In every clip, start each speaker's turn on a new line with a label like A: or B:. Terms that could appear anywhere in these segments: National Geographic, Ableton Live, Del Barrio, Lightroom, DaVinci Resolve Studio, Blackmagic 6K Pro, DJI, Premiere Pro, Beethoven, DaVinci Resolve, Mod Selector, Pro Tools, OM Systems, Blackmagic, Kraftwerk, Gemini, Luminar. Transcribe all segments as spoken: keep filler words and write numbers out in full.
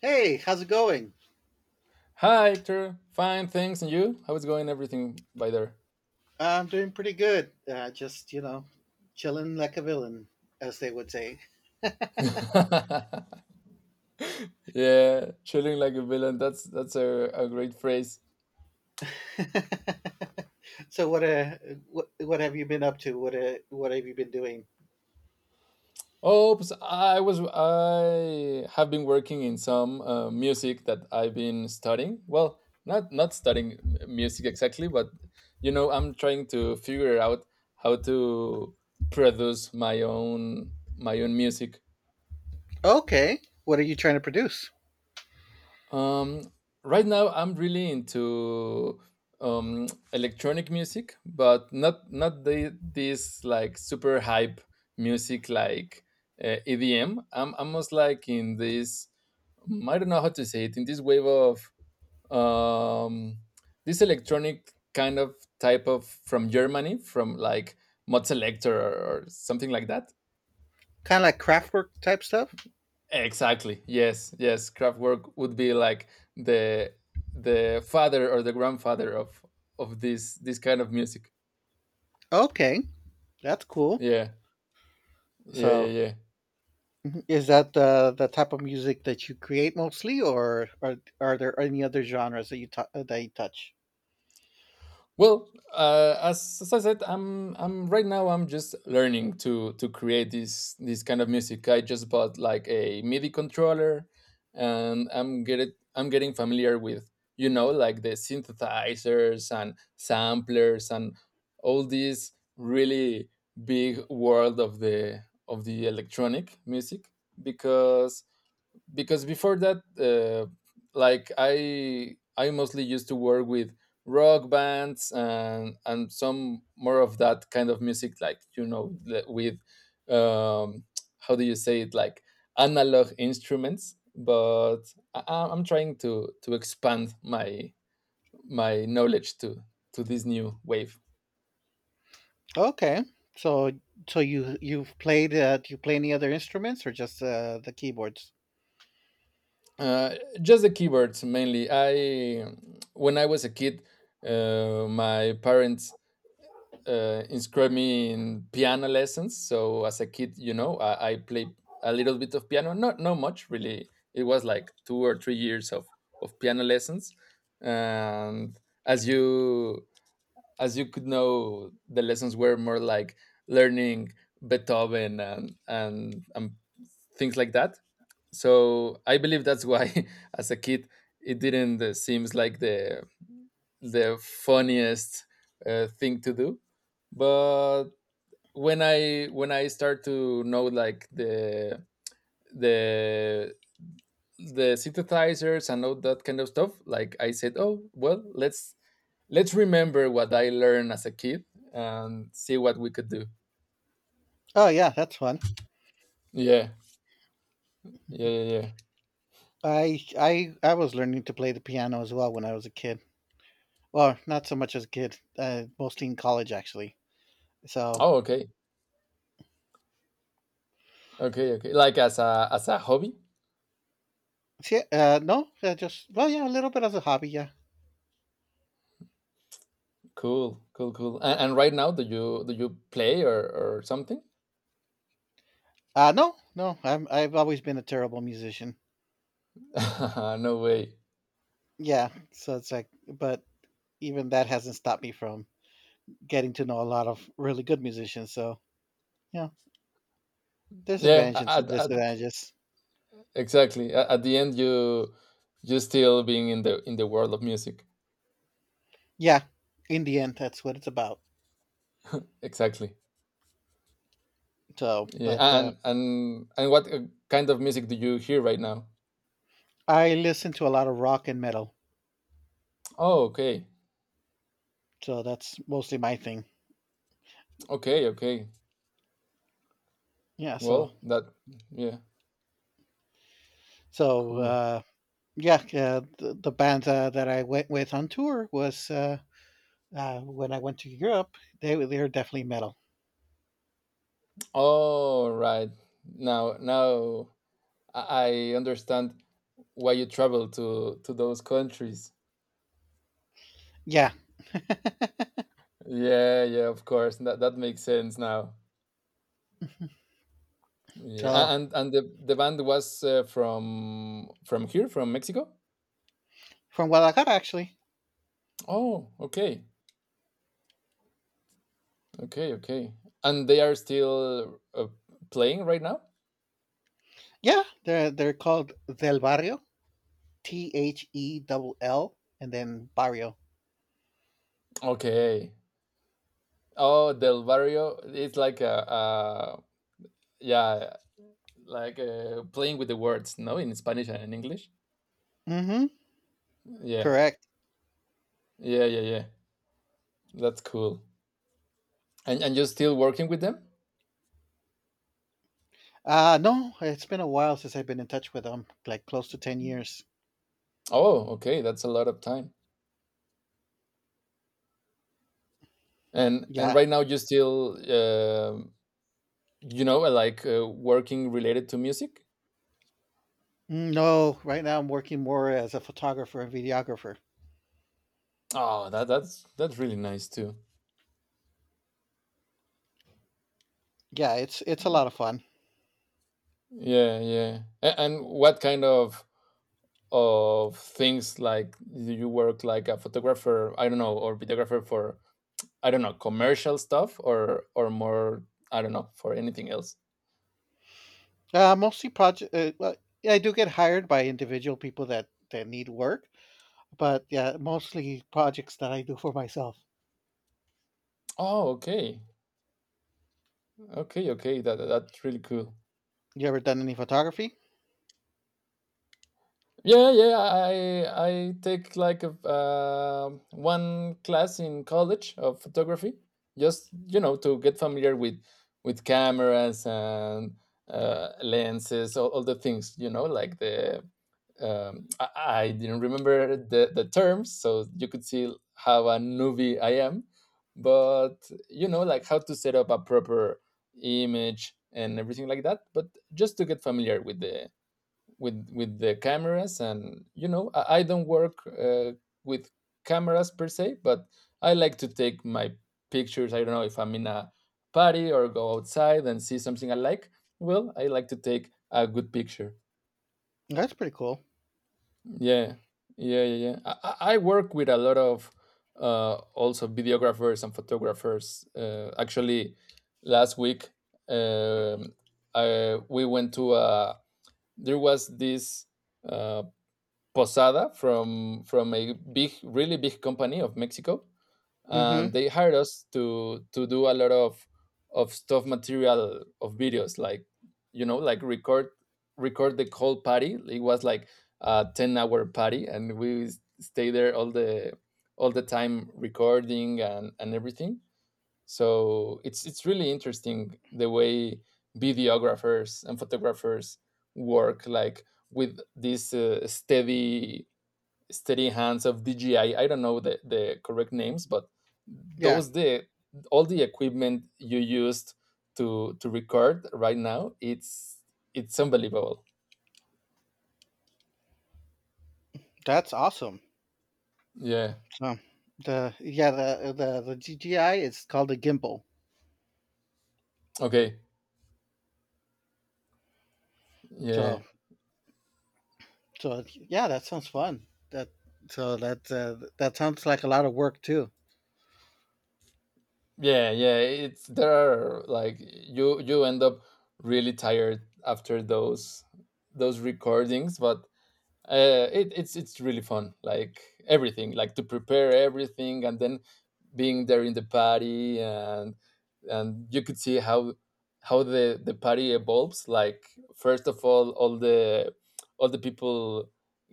A: Hey, how's it going?
B: Hi, Hector. Fine, thanks. And you? How is going everything by there?
A: Uh, I'm doing pretty good. Uh, just, you know, chilling like a villain, as they would say.
B: Yeah, chilling like a villain. That's that's a, a great phrase.
A: So what uh what what have you been up to? What uh, what have you been doing?
B: Oh, oops, I was I have been working in some uh, music that I've been studying. Well, not not studying m- music exactly, but you know, I'm trying to figure out how to produce my own my own music.
A: Okay. What are you trying to produce?
B: Um, right now, I'm really into um, electronic music, but not not the this like super hype music like uh, E D M. I'm almost like in this mm, I don't know how to say it, in this wave of um, this electronic kind of type of from Germany, from like Mod Selector or, or something like that.
A: Kind of like craftwork type stuff?
B: Exactly. Yes. Yes. Kraftwerk would be like the the father or the grandfather of of this this kind of music.
A: Okay. That's cool.
B: Yeah. Yeah. Yeah.
A: So,
B: yeah.
A: is that the the type of music that you create mostly, or are are there any other genres that you tou- that you touch?
B: Well, uh, as, as I said, I'm I'm right now I'm just learning to to create this this kind of music. I just bought like a MIDI controller, and I'm get it, I'm getting familiar with you know like the synthesizers and samplers and all this really big world of the of the electronic music because because before that, uh, like i i mostly used to work with rock bands and and some more of that kind of music like you know the- with um how do you say it, like analog instruments. But I, I- i'm trying to to expand my my knowledge to to this new wave.
A: Okay. So so you you've played, uh, do you play any other instruments, or just uh, the keyboards?
B: Uh, just the keyboards mainly. I When I was a kid, uh, my parents uh, inscribed me in piano lessons. So as a kid, you know, I, I played a little bit of piano, not not much really. It was like two or three years of of piano lessons. And as you as you could know, the lessons were more like learning Beethoven and and, and things like that. So I believe that's why, as a kid, it didn't uh, seems like the the funniest uh, thing to do. But when i when I start to know like the the the synthesizers and all that kind of stuff, like I said, oh well, let's let's remember what I learned as a kid, and see what we could do.
A: Oh yeah, that's fun.
B: Yeah. Yeah, yeah, yeah.
A: I I I was learning to play the piano as well when I was a kid. Well, not so much as a kid, uh, mostly in college actually. So
B: Oh, okay, okay, okay. Like as a, as a hobby.
A: see, uh, no, uh, just well, yeah, a little bit as a hobby, yeah.
B: Cool, cool, cool. And, and right now, do you do you play or or something?
A: Uh no, no, I'm I've always been a terrible musician.
B: No way.
A: Yeah, so it's like, but even that hasn't stopped me from getting to know a lot of really good musicians. So yeah, there's
B: Yeah,
A: advantages and
B: at, at,
A: disadvantages.
B: exactly. A- At the end, you you still being in the in the world of music.
A: Yeah, in the end, that's what it's about.
B: Exactly.
A: So,
B: Yeah.
A: but uh,
B: And and and what uh, kind of music do you hear right now?
A: I listen to a lot of rock and metal,
B: Oh, okay,
A: so that's mostly my thing.
B: okay, okay.
A: Yeah, so
B: Well, that, yeah,
A: so
B: cool.
A: uh, yeah, uh, the, the band uh, that I went with on tour was, uh, uh, when I went to Europe. They were- they were definitely metal.
B: All right. Now now I I understand why you travel to to those countries.
A: Yeah,
B: Yeah, yeah, of course. That that makes sense now. Yeah,
A: so
B: a- and and the the band was uh, from from here, from Mexico.
A: from Guadalajara actually.
B: Oh, okay, okay, okay. And they are still uh, playing right now.
A: Yeah, they're they're called Del Barrio, T H E L L, and then Barrio.
B: Okay. Oh, Del Barrio. It's like a, a, yeah, like, uh, playing with the words, no, in Spanish and in English.
A: Mm-hmm.
B: Yeah,
A: Correct.
B: yeah, yeah, yeah. That's cool. And and you're still working with them?
A: Uh no, it's been a while since I've been in touch with them, like close to ten years.
B: Oh, okay. That's a lot of time. And and
A: Yeah.
B: right now you still, um you know, like, uh, working related to music.
A: Mm, No, right now I'm working more as a photographer and videographer.
B: Oh, that that's that's really nice too.
A: Yeah, it's it's a lot of fun.
B: Yeah, yeah. And, and what kind of of things, like, do you work, like a photographer? I don't know, or videographer for, I don't know, commercial stuff, or or more, I don't know, for anything else.
A: Uh mostly project, uh, well, yeah, I do get hired by individual people that that need work, but yeah, mostly projects that I do for myself.
B: Oh, okay, okay, okay. That that's really cool.
A: You ever done any photography?
B: Yeah, yeah, yeah, I I take like a um one class in college of photography, just, you know, to get familiar with with cameras and uh, lenses, all, all the things, you know, like the um, I, I didn't remember the the terms, so you could see how a newbie I am. But, you know, like, how to set up a proper image and everything like that, but just to get familiar with the with with the cameras. And you know i, I don't work, uh, with cameras per se, but I like to take my pictures. I don't know, if I'm in a party or go outside and see something I like, well, I like to take a good picture.
A: That's pretty cool.
B: Yeah. Yeah, yeah, yeah. I, I I work with a lot of, uh, also videographers and photographers, uh, actually last week, um, I, we went to, a, there was this, uh, Posada from from a big, really big company of Mexico,
A: Mhm.
B: and they hired us to to do a lot of of stuff, material, of videos, like, you know, like, record record the whole party. It was like a ten hour party, and we s- stay there all the all the time, recording and and everything. So it's it's really interesting the way videographers and photographers work, like with this, uh, steady steady hands of D J I. I I don't know the, the correct names, but
A: Yeah,
B: those the all the equipment you used to to record right now, it's it's unbelievable.
A: that's awesome.
B: Yeah.
A: So the yeah, the the the G G I is called a gimbal.
B: Okay.
A: So
B: Yeah.
A: So yeah, that sounds fun. That so that uh, that sounds like a lot of work too.
B: Yeah, yeah. It's There are, like, you you end up really tired after those those recordings, but uh, it, it's it's really fun, like, everything, like, to prepare everything, and then being there in the party, and and you could see how how the the party evolves, like, first of all, all the all the people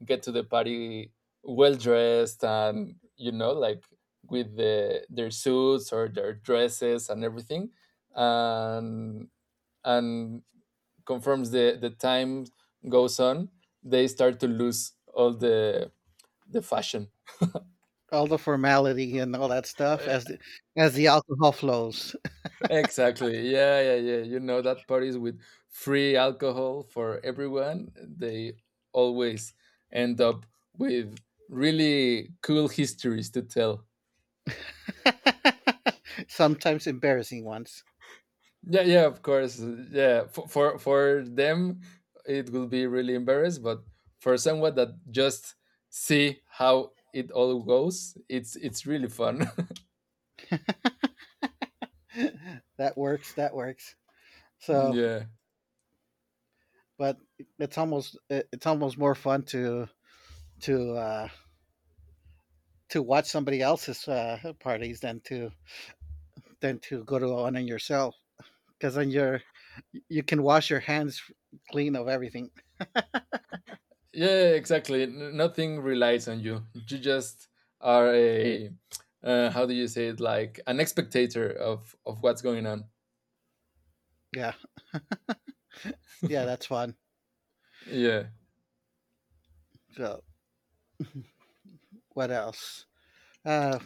B: get to the party well dressed, and, you know, like, with the, their suits or their dresses and everything. And and conforms the the time goes on, they start to lose all the the fashion.
A: All the formality and all that stuff as the, as the alcohol flows.
B: Exactly. Yeah, yeah, yeah. You know that parties with free alcohol for everyone, they always end up with really cool histories to tell.
A: Sometimes embarrassing ones.
B: Yeah, yeah, of course. Yeah, for for, for them it will be really embarrassed, but for someone that just see how it all goes, it's it's really fun.
A: That works. That works. So,
B: yeah.
A: but it's almost it- it's almost more fun to to uh, to watch somebody else's uh, parties than to than to go to one on yourself, because then you're you can wash your hands clean of everything.
B: Yeah, yeah, yeah, exactly. N- Nothing relies on you. You just are a, uh, how do you say it? Like an spectator of of what's going on.
A: Yeah, yeah, that's fun.
B: Yeah.
A: So, what else? Uh,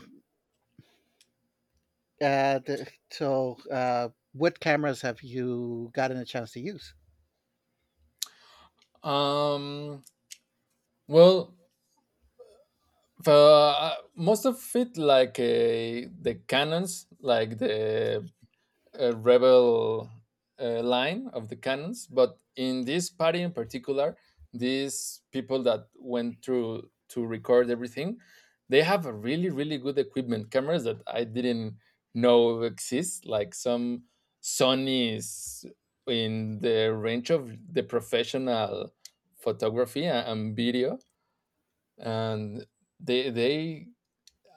A: uh, th- so, uh, what cameras have you gotten a chance to use?
B: Um. Well, the, most of it, like, uh, the canons, like the, uh, rebel, uh, line of the cannons, but in this party in particular, these people that went through to record everything, they have a really really good equipment, cameras that I didn't know exist, like some Sony's in the range of the professional photography a- and video, and they they.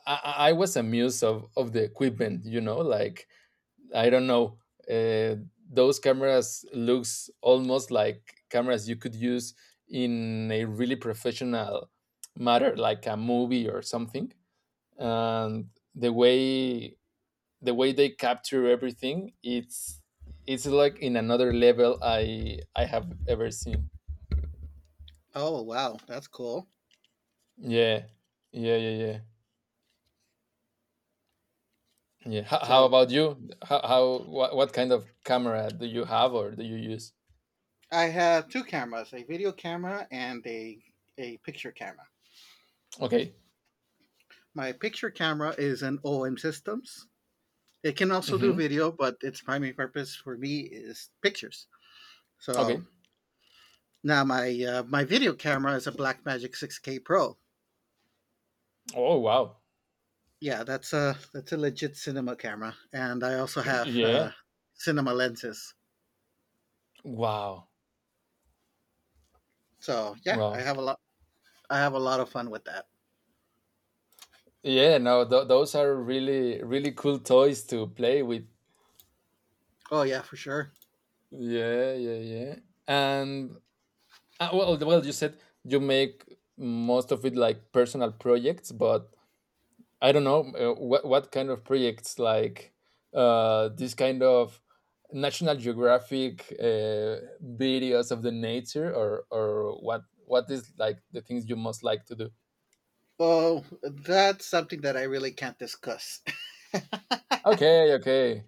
B: I I was amused of, of the equipment, you know, like, I don't know. Uh, those cameras looks almost like cameras you could use in a really professional matter, like a movie or something. And the way the way they capture everything, it's it's like in another level I I have ever seen.
A: Oh, wow, that's cool.
B: Yeah, yeah, yeah, yeah. Yeah. How, how
A: So,
B: about you? How, how what, what kind of camera do you have or do you use?
A: I have two cameras: a video camera and a a picture camera.
B: Okay.
A: My picture camera is an O M Systems. It can also do
B: Mm-hmm.
A: video, but its primary purpose for me is pictures. So
B: Okay.
A: now my uh, my video camera is a Blackmagic six K Pro.
B: Oh wow.
A: Yeah, that's a that's a legit cinema camera, and I also have
B: Yeah.
A: uh, cinema lenses.
B: Wow.
A: So yeah, I
B: Wow.
A: have a lot. I have a lot of fun with that.
B: Yeah. No, th- those are really, really cool toys to play with.
A: Oh yeah, for sure.
B: Yeah. Yeah. Yeah. And uh, well, well, you said you make most of it like personal projects, but I don't know, uh, what what kind of projects, like, uh, this kind of National Geographic, uh, videos of the nature, or or what what is like the things you most like to do.
A: Oh, that's something that I really can't discuss.
B: Okay. Okay.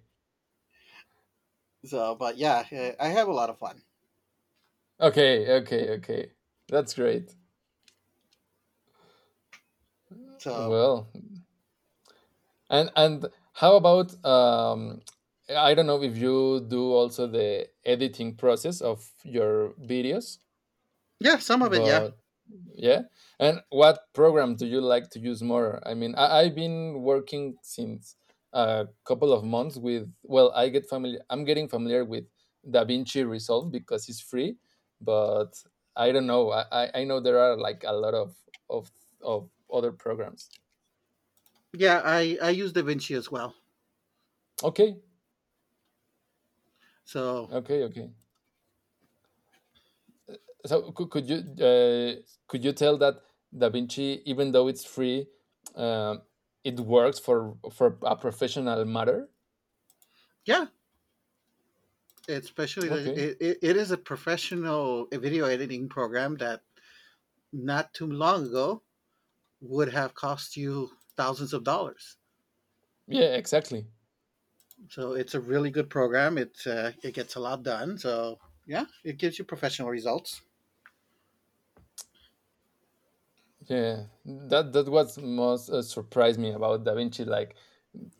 A: So, but yeah, eh, I have a lot of fun.
B: Okay, okay, okay. That's great.
A: So
B: Well, and and how about, um I don't know if you do also the editing process of your videos,
A: yeah, some of it, yeah,
B: but Yeah. And what program do you like to use more? I mean, I, I've been working since a couple of months with, well, I get familiar, I'm getting familiar with DaVinci Resolve because it's free, but I don't know. I, I I know there are like a lot of, of, of other programs.
A: yeah. I I use DaVinci as well.
B: Okay.
A: So
B: Okay. Okay. So could, could you, uh, could you tell that DaVinci, even though it's free, um, it works for, for a professional matter?
A: yeah, especially the,
B: Okay.
A: it, it, it is a professional video editing program that not too long ago would have cost you thousands of dollars.
B: Yeah, exactly.
A: So it's a really good program. It uh, it gets a lot done. So yeah, it gives you professional results.
B: Yeah, that that was most, uh, surprised me about Da Vinci, like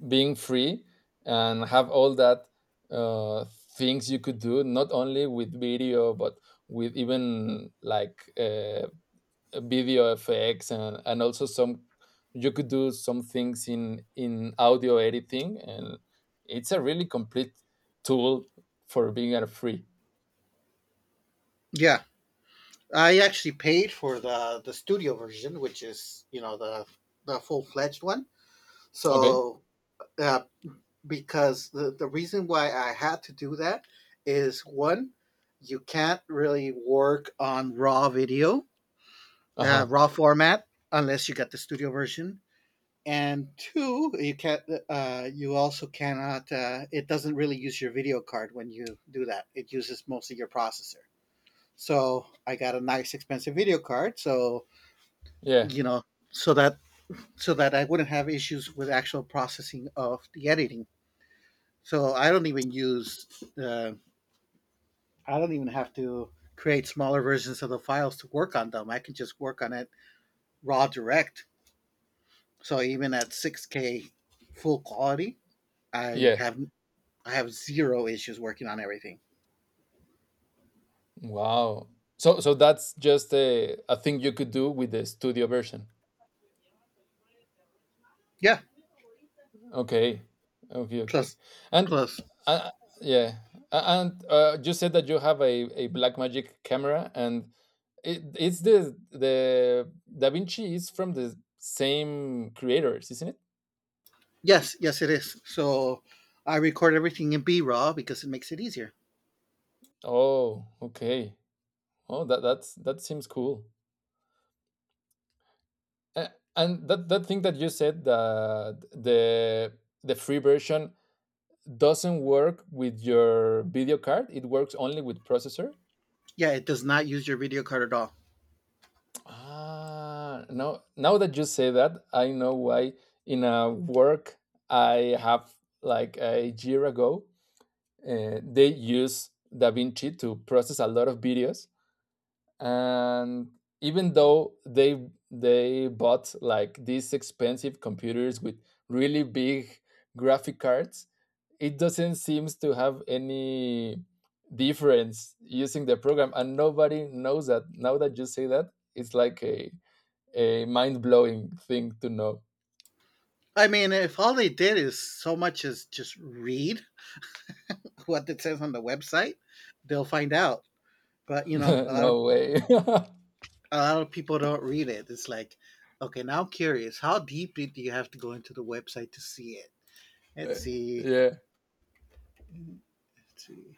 B: being free and have all that, uh, things you could do, not only with video but with even like, uh, video effects and and also some you could do some things in in audio editing, and it's a really complete tool for being a free.
A: Yeah, I actually paid for the the studio version, which is you know the the full fledged one.
B: Okay.
A: So, uh, because the the reason why I had to do that is one, you can't really work on raw video,
B: Uh
A: uh,
B: huh.
A: raw format, unless you get the studio version. And two, you can't. Uh, you also cannot. Uh, it doesn't really use your video card when you do that. It uses mostly your processor. So I got a nice expensive video card. So,
B: Yeah.
A: you know, so that so that I wouldn't have issues with actual processing of the editing. So I don't even use uh, I don't even have to create smaller versions of the files to work on them. I can just work on it raw direct. So even at six K full quality, I
B: Yeah.
A: have I have zero issues working on everything.
B: Wow. So so that's just a, a thing you could do with the studio version.
A: Yeah,
B: Okay. Okay, okay.
A: plus
B: And
A: plus
B: uh, yeah. A- And uh, you said that you have a, a Blackmagic camera, and it, it's the the Da Vinci is from the same creators, isn't it?
A: yes, yes it is. So I record everything in B raw because it makes it easier.
B: Oh, okay. Oh, that that's that seems cool. A- And that that thing that you said, that the the free version doesn't work with your video card. It works only with processor.
A: Yeah, it does not use your video card at all.
B: Ah, now now that you say that, I know why. In a work I have like a year ago, uh, they use DaVinci to process a lot of videos, and even though they they bought like these expensive computers with really big graphic cards, it doesn't seems to have any difference using the program and nobody knows that. Now that you say that, it's like a a mind-blowing thing to know.
A: I mean, if all they did is so much as just read what it says on the website, they'll find out. But you know, a lot of
B: No way.
A: a lot of people don't read it. It's like, okay, now I'm curious. How deeply do you have to go into the website to see it? Let's see.
B: Yeah,
A: Let's see.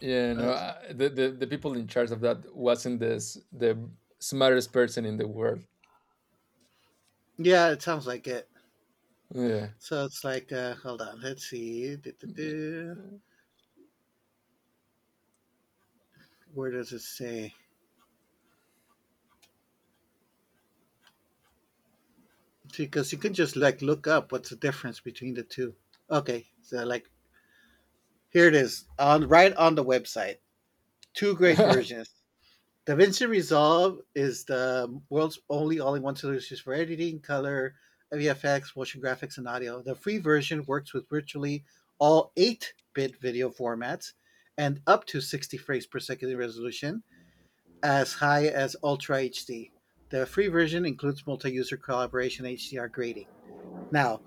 B: yeah,
A: Uh,
B: no,
A: it's-
B: I- the, the the people in charge of that wasn't this the smartest person in the world.
A: yeah, it sounds like it.
B: Yeah.
A: So it's like, uh, hold on. Let's see. Du-du-du. Where does it say? Because you can just like look up what's the difference between the two. Okay, so like here it is on right on the website. Two great versions. DaVinci Resolve is the world's only all-in-one solution for editing, color, V F X, motion graphics, and audio. The free version works with virtually all eight-bit video formats and up to sixty frames per second in resolution, as high as Ultra H D. The free version includes multi-user collaboration H D R grading. Now,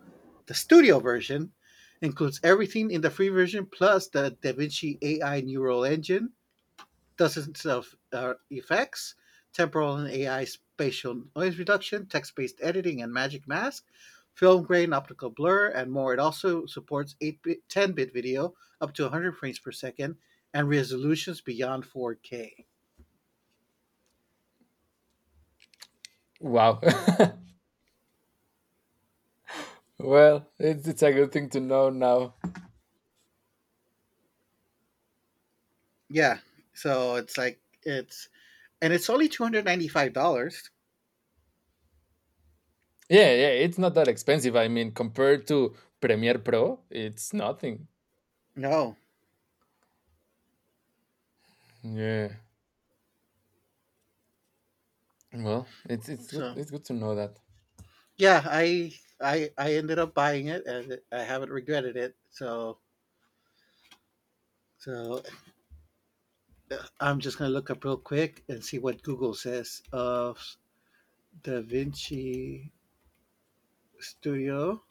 A: the studio version includes everything in the free version plus the DaVinci A I Neural Engine, Dozens of uh, effects, temporal and A I spatial noise reduction, text based editing, and magic mask, film grain, optical blur, and more. It also supports eight-bit, ten bit video up to one hundred frames per second and resolutions beyond four K.
B: Wow. Well, it's, it's a good thing to know now.
A: Yeah, so it's like, it's, and it's only two hundred ninety-five dollars.
B: Yeah, yeah, it's not that expensive. I mean, compared to Premiere Pro, it's nothing.
A: No.
B: Yeah. Well, it's it's good.
A: So,
B: It's good to know that.
A: yeah, I. I, I ended up buying it, and I haven't regretted it. So, so I'm just gonna look up real quick and see what Google says of Da Vinci Studio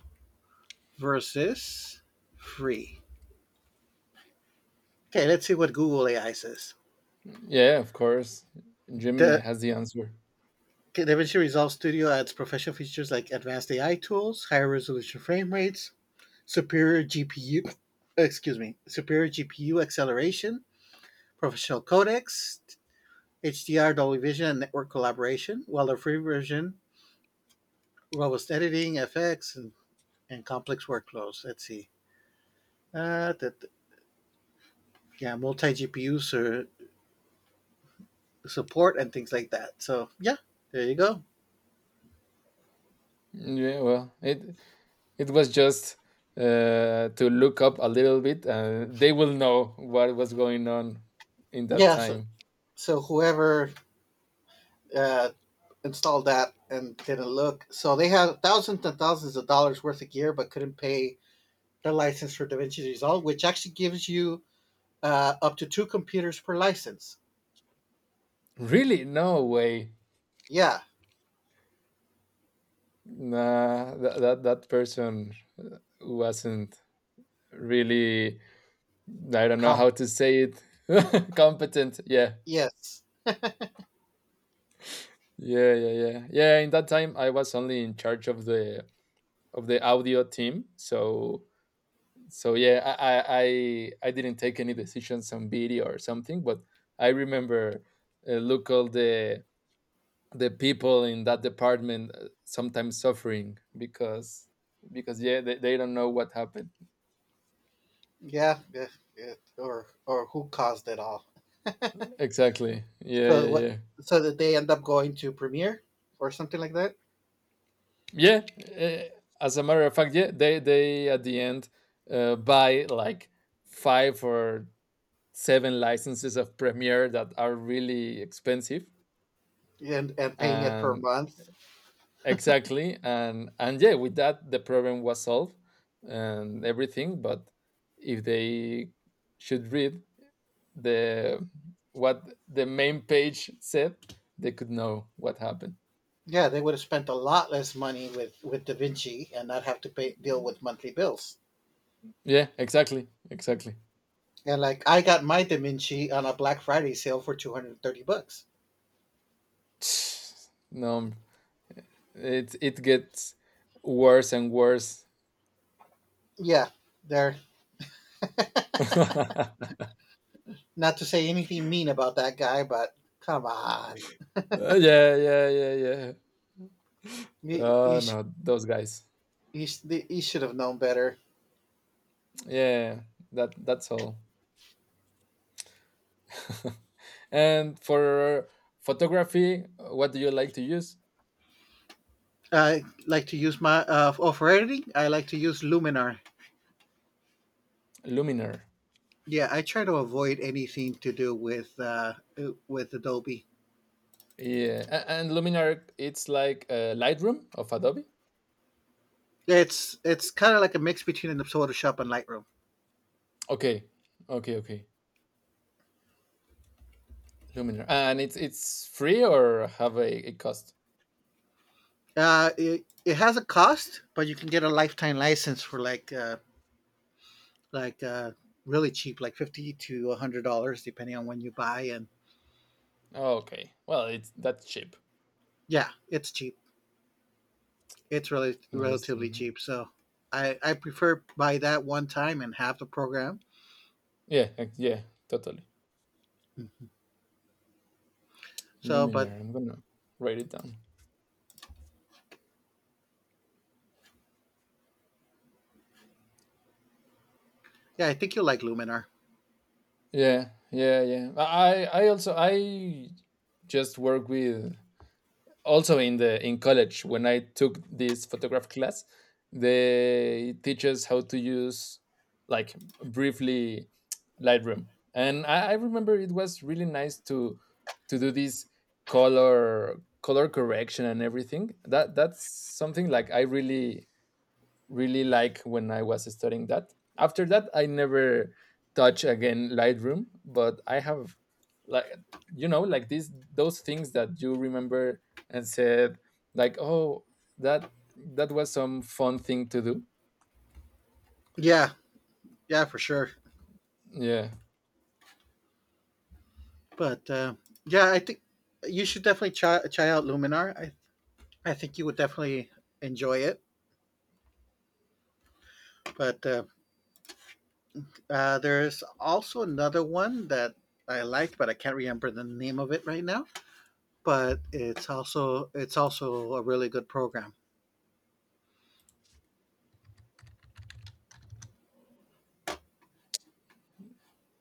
A: versus free. Okay, let's see what Google A I says.
B: Yeah, of course. Gemini
A: The
B: has the answer.
A: DaVinci Resolve Studio adds professional features like advanced A I tools, higher resolution frame rates, superior G P U, excuse me, superior G P U acceleration, professional codecs, H D R, Dolby Vision, and network collaboration, while the free version, robust editing, F X, and and complex workflows. Let's see. Uh, that yeah, multi G P U support and things like that. So yeah, there you go.
B: Yeah, well, it it was just uh, to look up a little bit. Uh, they will know what was going on in that
A: Yeah. So
B: time.
A: so whoever uh, installed that and didn't look, so they had thousands and thousands of dollars worth of gear, but couldn't pay the license for DaVinci Resolve, which actually gives you uh, up to two computers per license.
B: Really? No way.
A: Yeah.
B: Nah, that that, that person wasn't really, I don't know
A: Comp.
B: how to say it, competent. Yeah,
A: Yes.
B: yeah, yeah, yeah, yeah, in that time I was only in charge of the of the audio team. So so yeah, i i i I didn't take any decisions on video or something, but I remember, uh, look all the the people in that department uh, sometimes suffering because because yeah, they, they don't know what happened.
A: Yeah. Yeah, yeah. Or or who caused it all.
B: Exactly. Yeah, yeah,
A: So what?
B: yeah.
A: So that they end up going to Premiere or something like that,
B: Yeah, uh, as a matter of fact, yeah, they they at the end uh, buy like five or seven licenses of Premiere that are really expensive,
A: and and paying it per
B: and
A: month.
B: exactly, and and yeah, with that the problem was solved and everything. But if they should read the what the main page said, they could know what happened.
A: Yeah, they would have spent a lot less money with with DaVinci and not have to pay deal with monthly bills.
B: Yeah, exactly, exactly.
A: And like I got my DaVinci on a Black Friday sale for two hundred and thirty bucks.
B: No, it it gets worse and worse.
A: Yeah, they're
B: Yeah,
A: not to say anything mean about that guy, but come on,
B: yeah, yeah, yeah.
A: you you,
B: Oh
A: sh-
B: no, those guys.
A: you, sh- you should have known better.
B: Yeah, that that's all. And for photography, what do you like to use?
A: I like to use my uh, oh, for editing. I like to use Luminar.
B: Luminar.
A: Yeah, I try to avoid anything to do with uh, uh, with Adobe.
B: Yeah, a- and Luminar, it's like uh, Lightroom of Adobe.
A: It's it's kind of like a mix between an Photoshop and Lightroom.
B: Okay, okay, okay. Luminar, and it's it's free or have a, a cost?
A: Uh, it, it has a cost, but you can get a lifetime license for like uh, like uh, really cheap, like fifty to a hundred dollars, depending on when you buy. And
B: Okay, well, it's that cheap.
A: yeah, it's cheap. It's really
B: Nice to
A: relatively
B: know.
A: cheap. So I I prefer buy that one time and have the program.
B: Yeah, ex- yeah, totally.
A: So, but
B: Luminar. I'm gonna write it down.
A: yeah, I think you'll like Luminar.
B: Yeah, yeah, yeah. I I also I just work with, also in the in college when I took this photograph class, they teach us how to use, like, briefly, Lightroom. And I, I remember it was really nice to to do this color color correction and everything. That that's something like I really really like when I was studying that. After that, I never touch again Lightroom, but I have like, you know, like these those things that you remember and said like, oh, that that was some fun thing to do.
A: Yeah, yeah, for sure.
B: Yeah,
A: But uh, yeah, I think you should definitely try, try out Luminar. I I think you would definitely enjoy it. But uh, uh, there's also another one that I like, but I can't remember the name of it right now. But it's also it's also a really good program.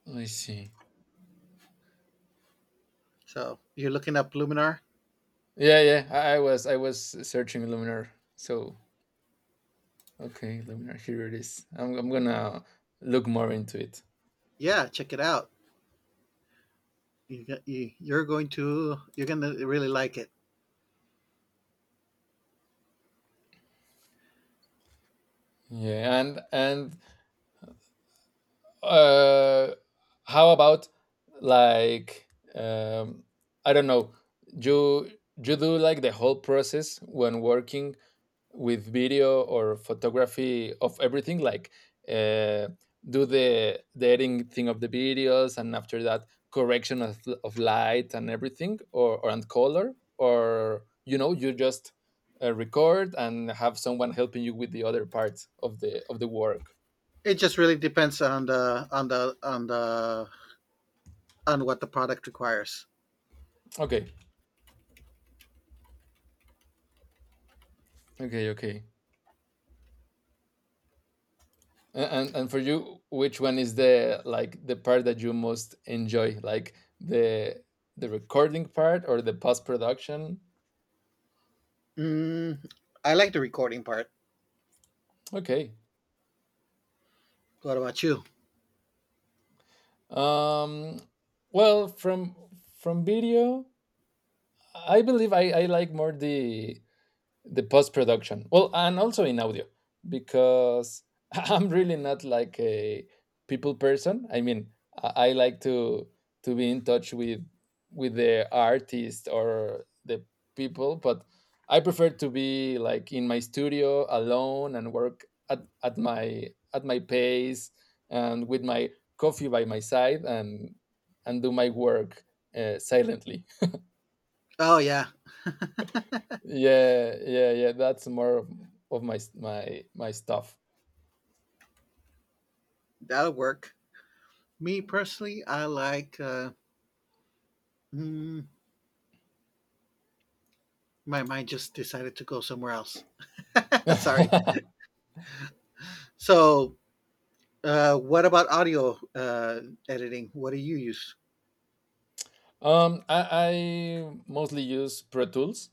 B: I see.
A: So you're looking up Luminar,
B: Yeah, yeah. I, I was I was searching Luminar. So okay, Luminar, here it is. I'm I'm gonna look more into it.
A: yeah, check it out. You, you you're going to you're gonna really like it.
B: Yeah, and and uh how about, like, um I don't know, you you do like the whole process when working with video or photography of everything, like, uh do the the editing thing of the videos and after that correction of, of light and everything or, or and color or, you know, you just uh, record and have someone helping you with the other parts of the of the work.
A: It just really depends on the on the on the on what the product requires.
B: Okay, okay, okay. A- And and for you, which one is the, like, the part that you most enjoy, like the the recording part or the post production?
A: Mm, I like the recording part.
B: Okay.
A: What about you?
B: Um. Well, from from video, I believe I I like more the the post production. Well, and also in audio because I'm really not like a people person. I mean, I, I like to to be in touch with with the artist or the people, but I prefer to be like in my studio alone and work at, at my at my pace and with my coffee by my side and and do my work uh, silently.
A: Oh yeah,
B: Yeah, yeah, yeah. That's more of of my s- my my stuff.
A: that'll work. Me personally, I like. Uh, mm, my mind just decided to go somewhere else. Sorry. So, uh, what about audio uh, editing? What do you use?
B: um, I, I mostly use Pro Tools.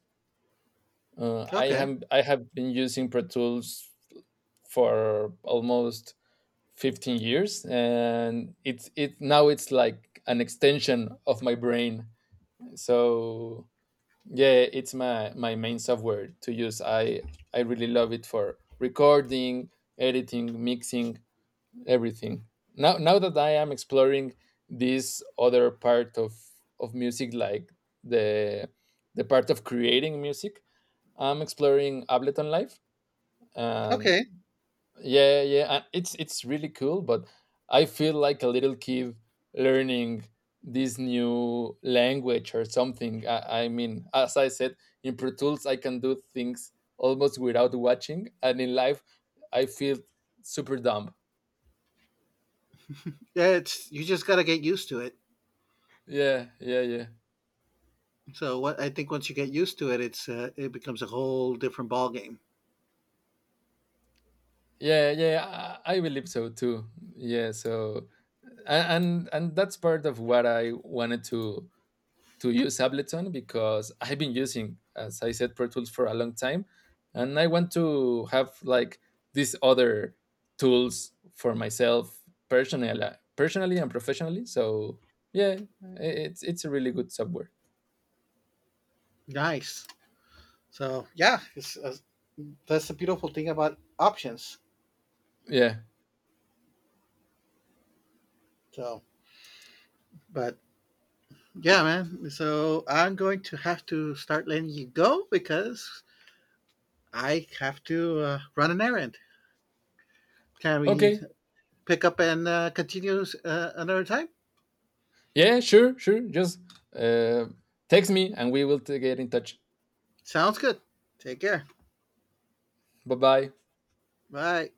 B: Uh, I
A: Okay.
B: have I have been using Pro Tools for almost fifteen years, and it's it now it's like an extension of my brain. So yeah, it's my my main software to use. I I really love it for recording, editing, mixing, everything. Now now that I am exploring this other part of of music, like the the part of creating music, I'm exploring Ableton Live, and
A: Okay.
B: yeah, yeah, uh, it's it's really cool. But I feel like a little kid learning this new language or something. I, I mean, as I said, in Pro Tools, I can do things almost without watching, and in live, I feel super dumb.
A: Yeah, it's you just gotta get used to it.
B: Yeah, yeah, yeah.
A: So what I think, once you get used to it, it's uh, it becomes a whole different ball game.
B: Yeah, yeah, I, I believe so too. Yeah, so a- and and that's part of what I wanted to to use Ableton because I've been using, as I said, Pro Tools for a long time, and I want to have, like, these other tools for myself personally, personally and professionally. So yeah, I- it's it's a really good software.
A: Nice. So yeah, it's, uh, that's the beautiful thing about options.
B: Yeah.
A: So, but Yeah, man. So I'm going to have to start letting you go because I have to uh, run an errand. Can we
B: Okay.
A: pick up and uh, continue uh, another time?
B: Yeah. Sure. Sure. Just uh, text me, and we will t- get in touch.
A: Sounds good. Take care.
B: Bye bye.
A: Bye.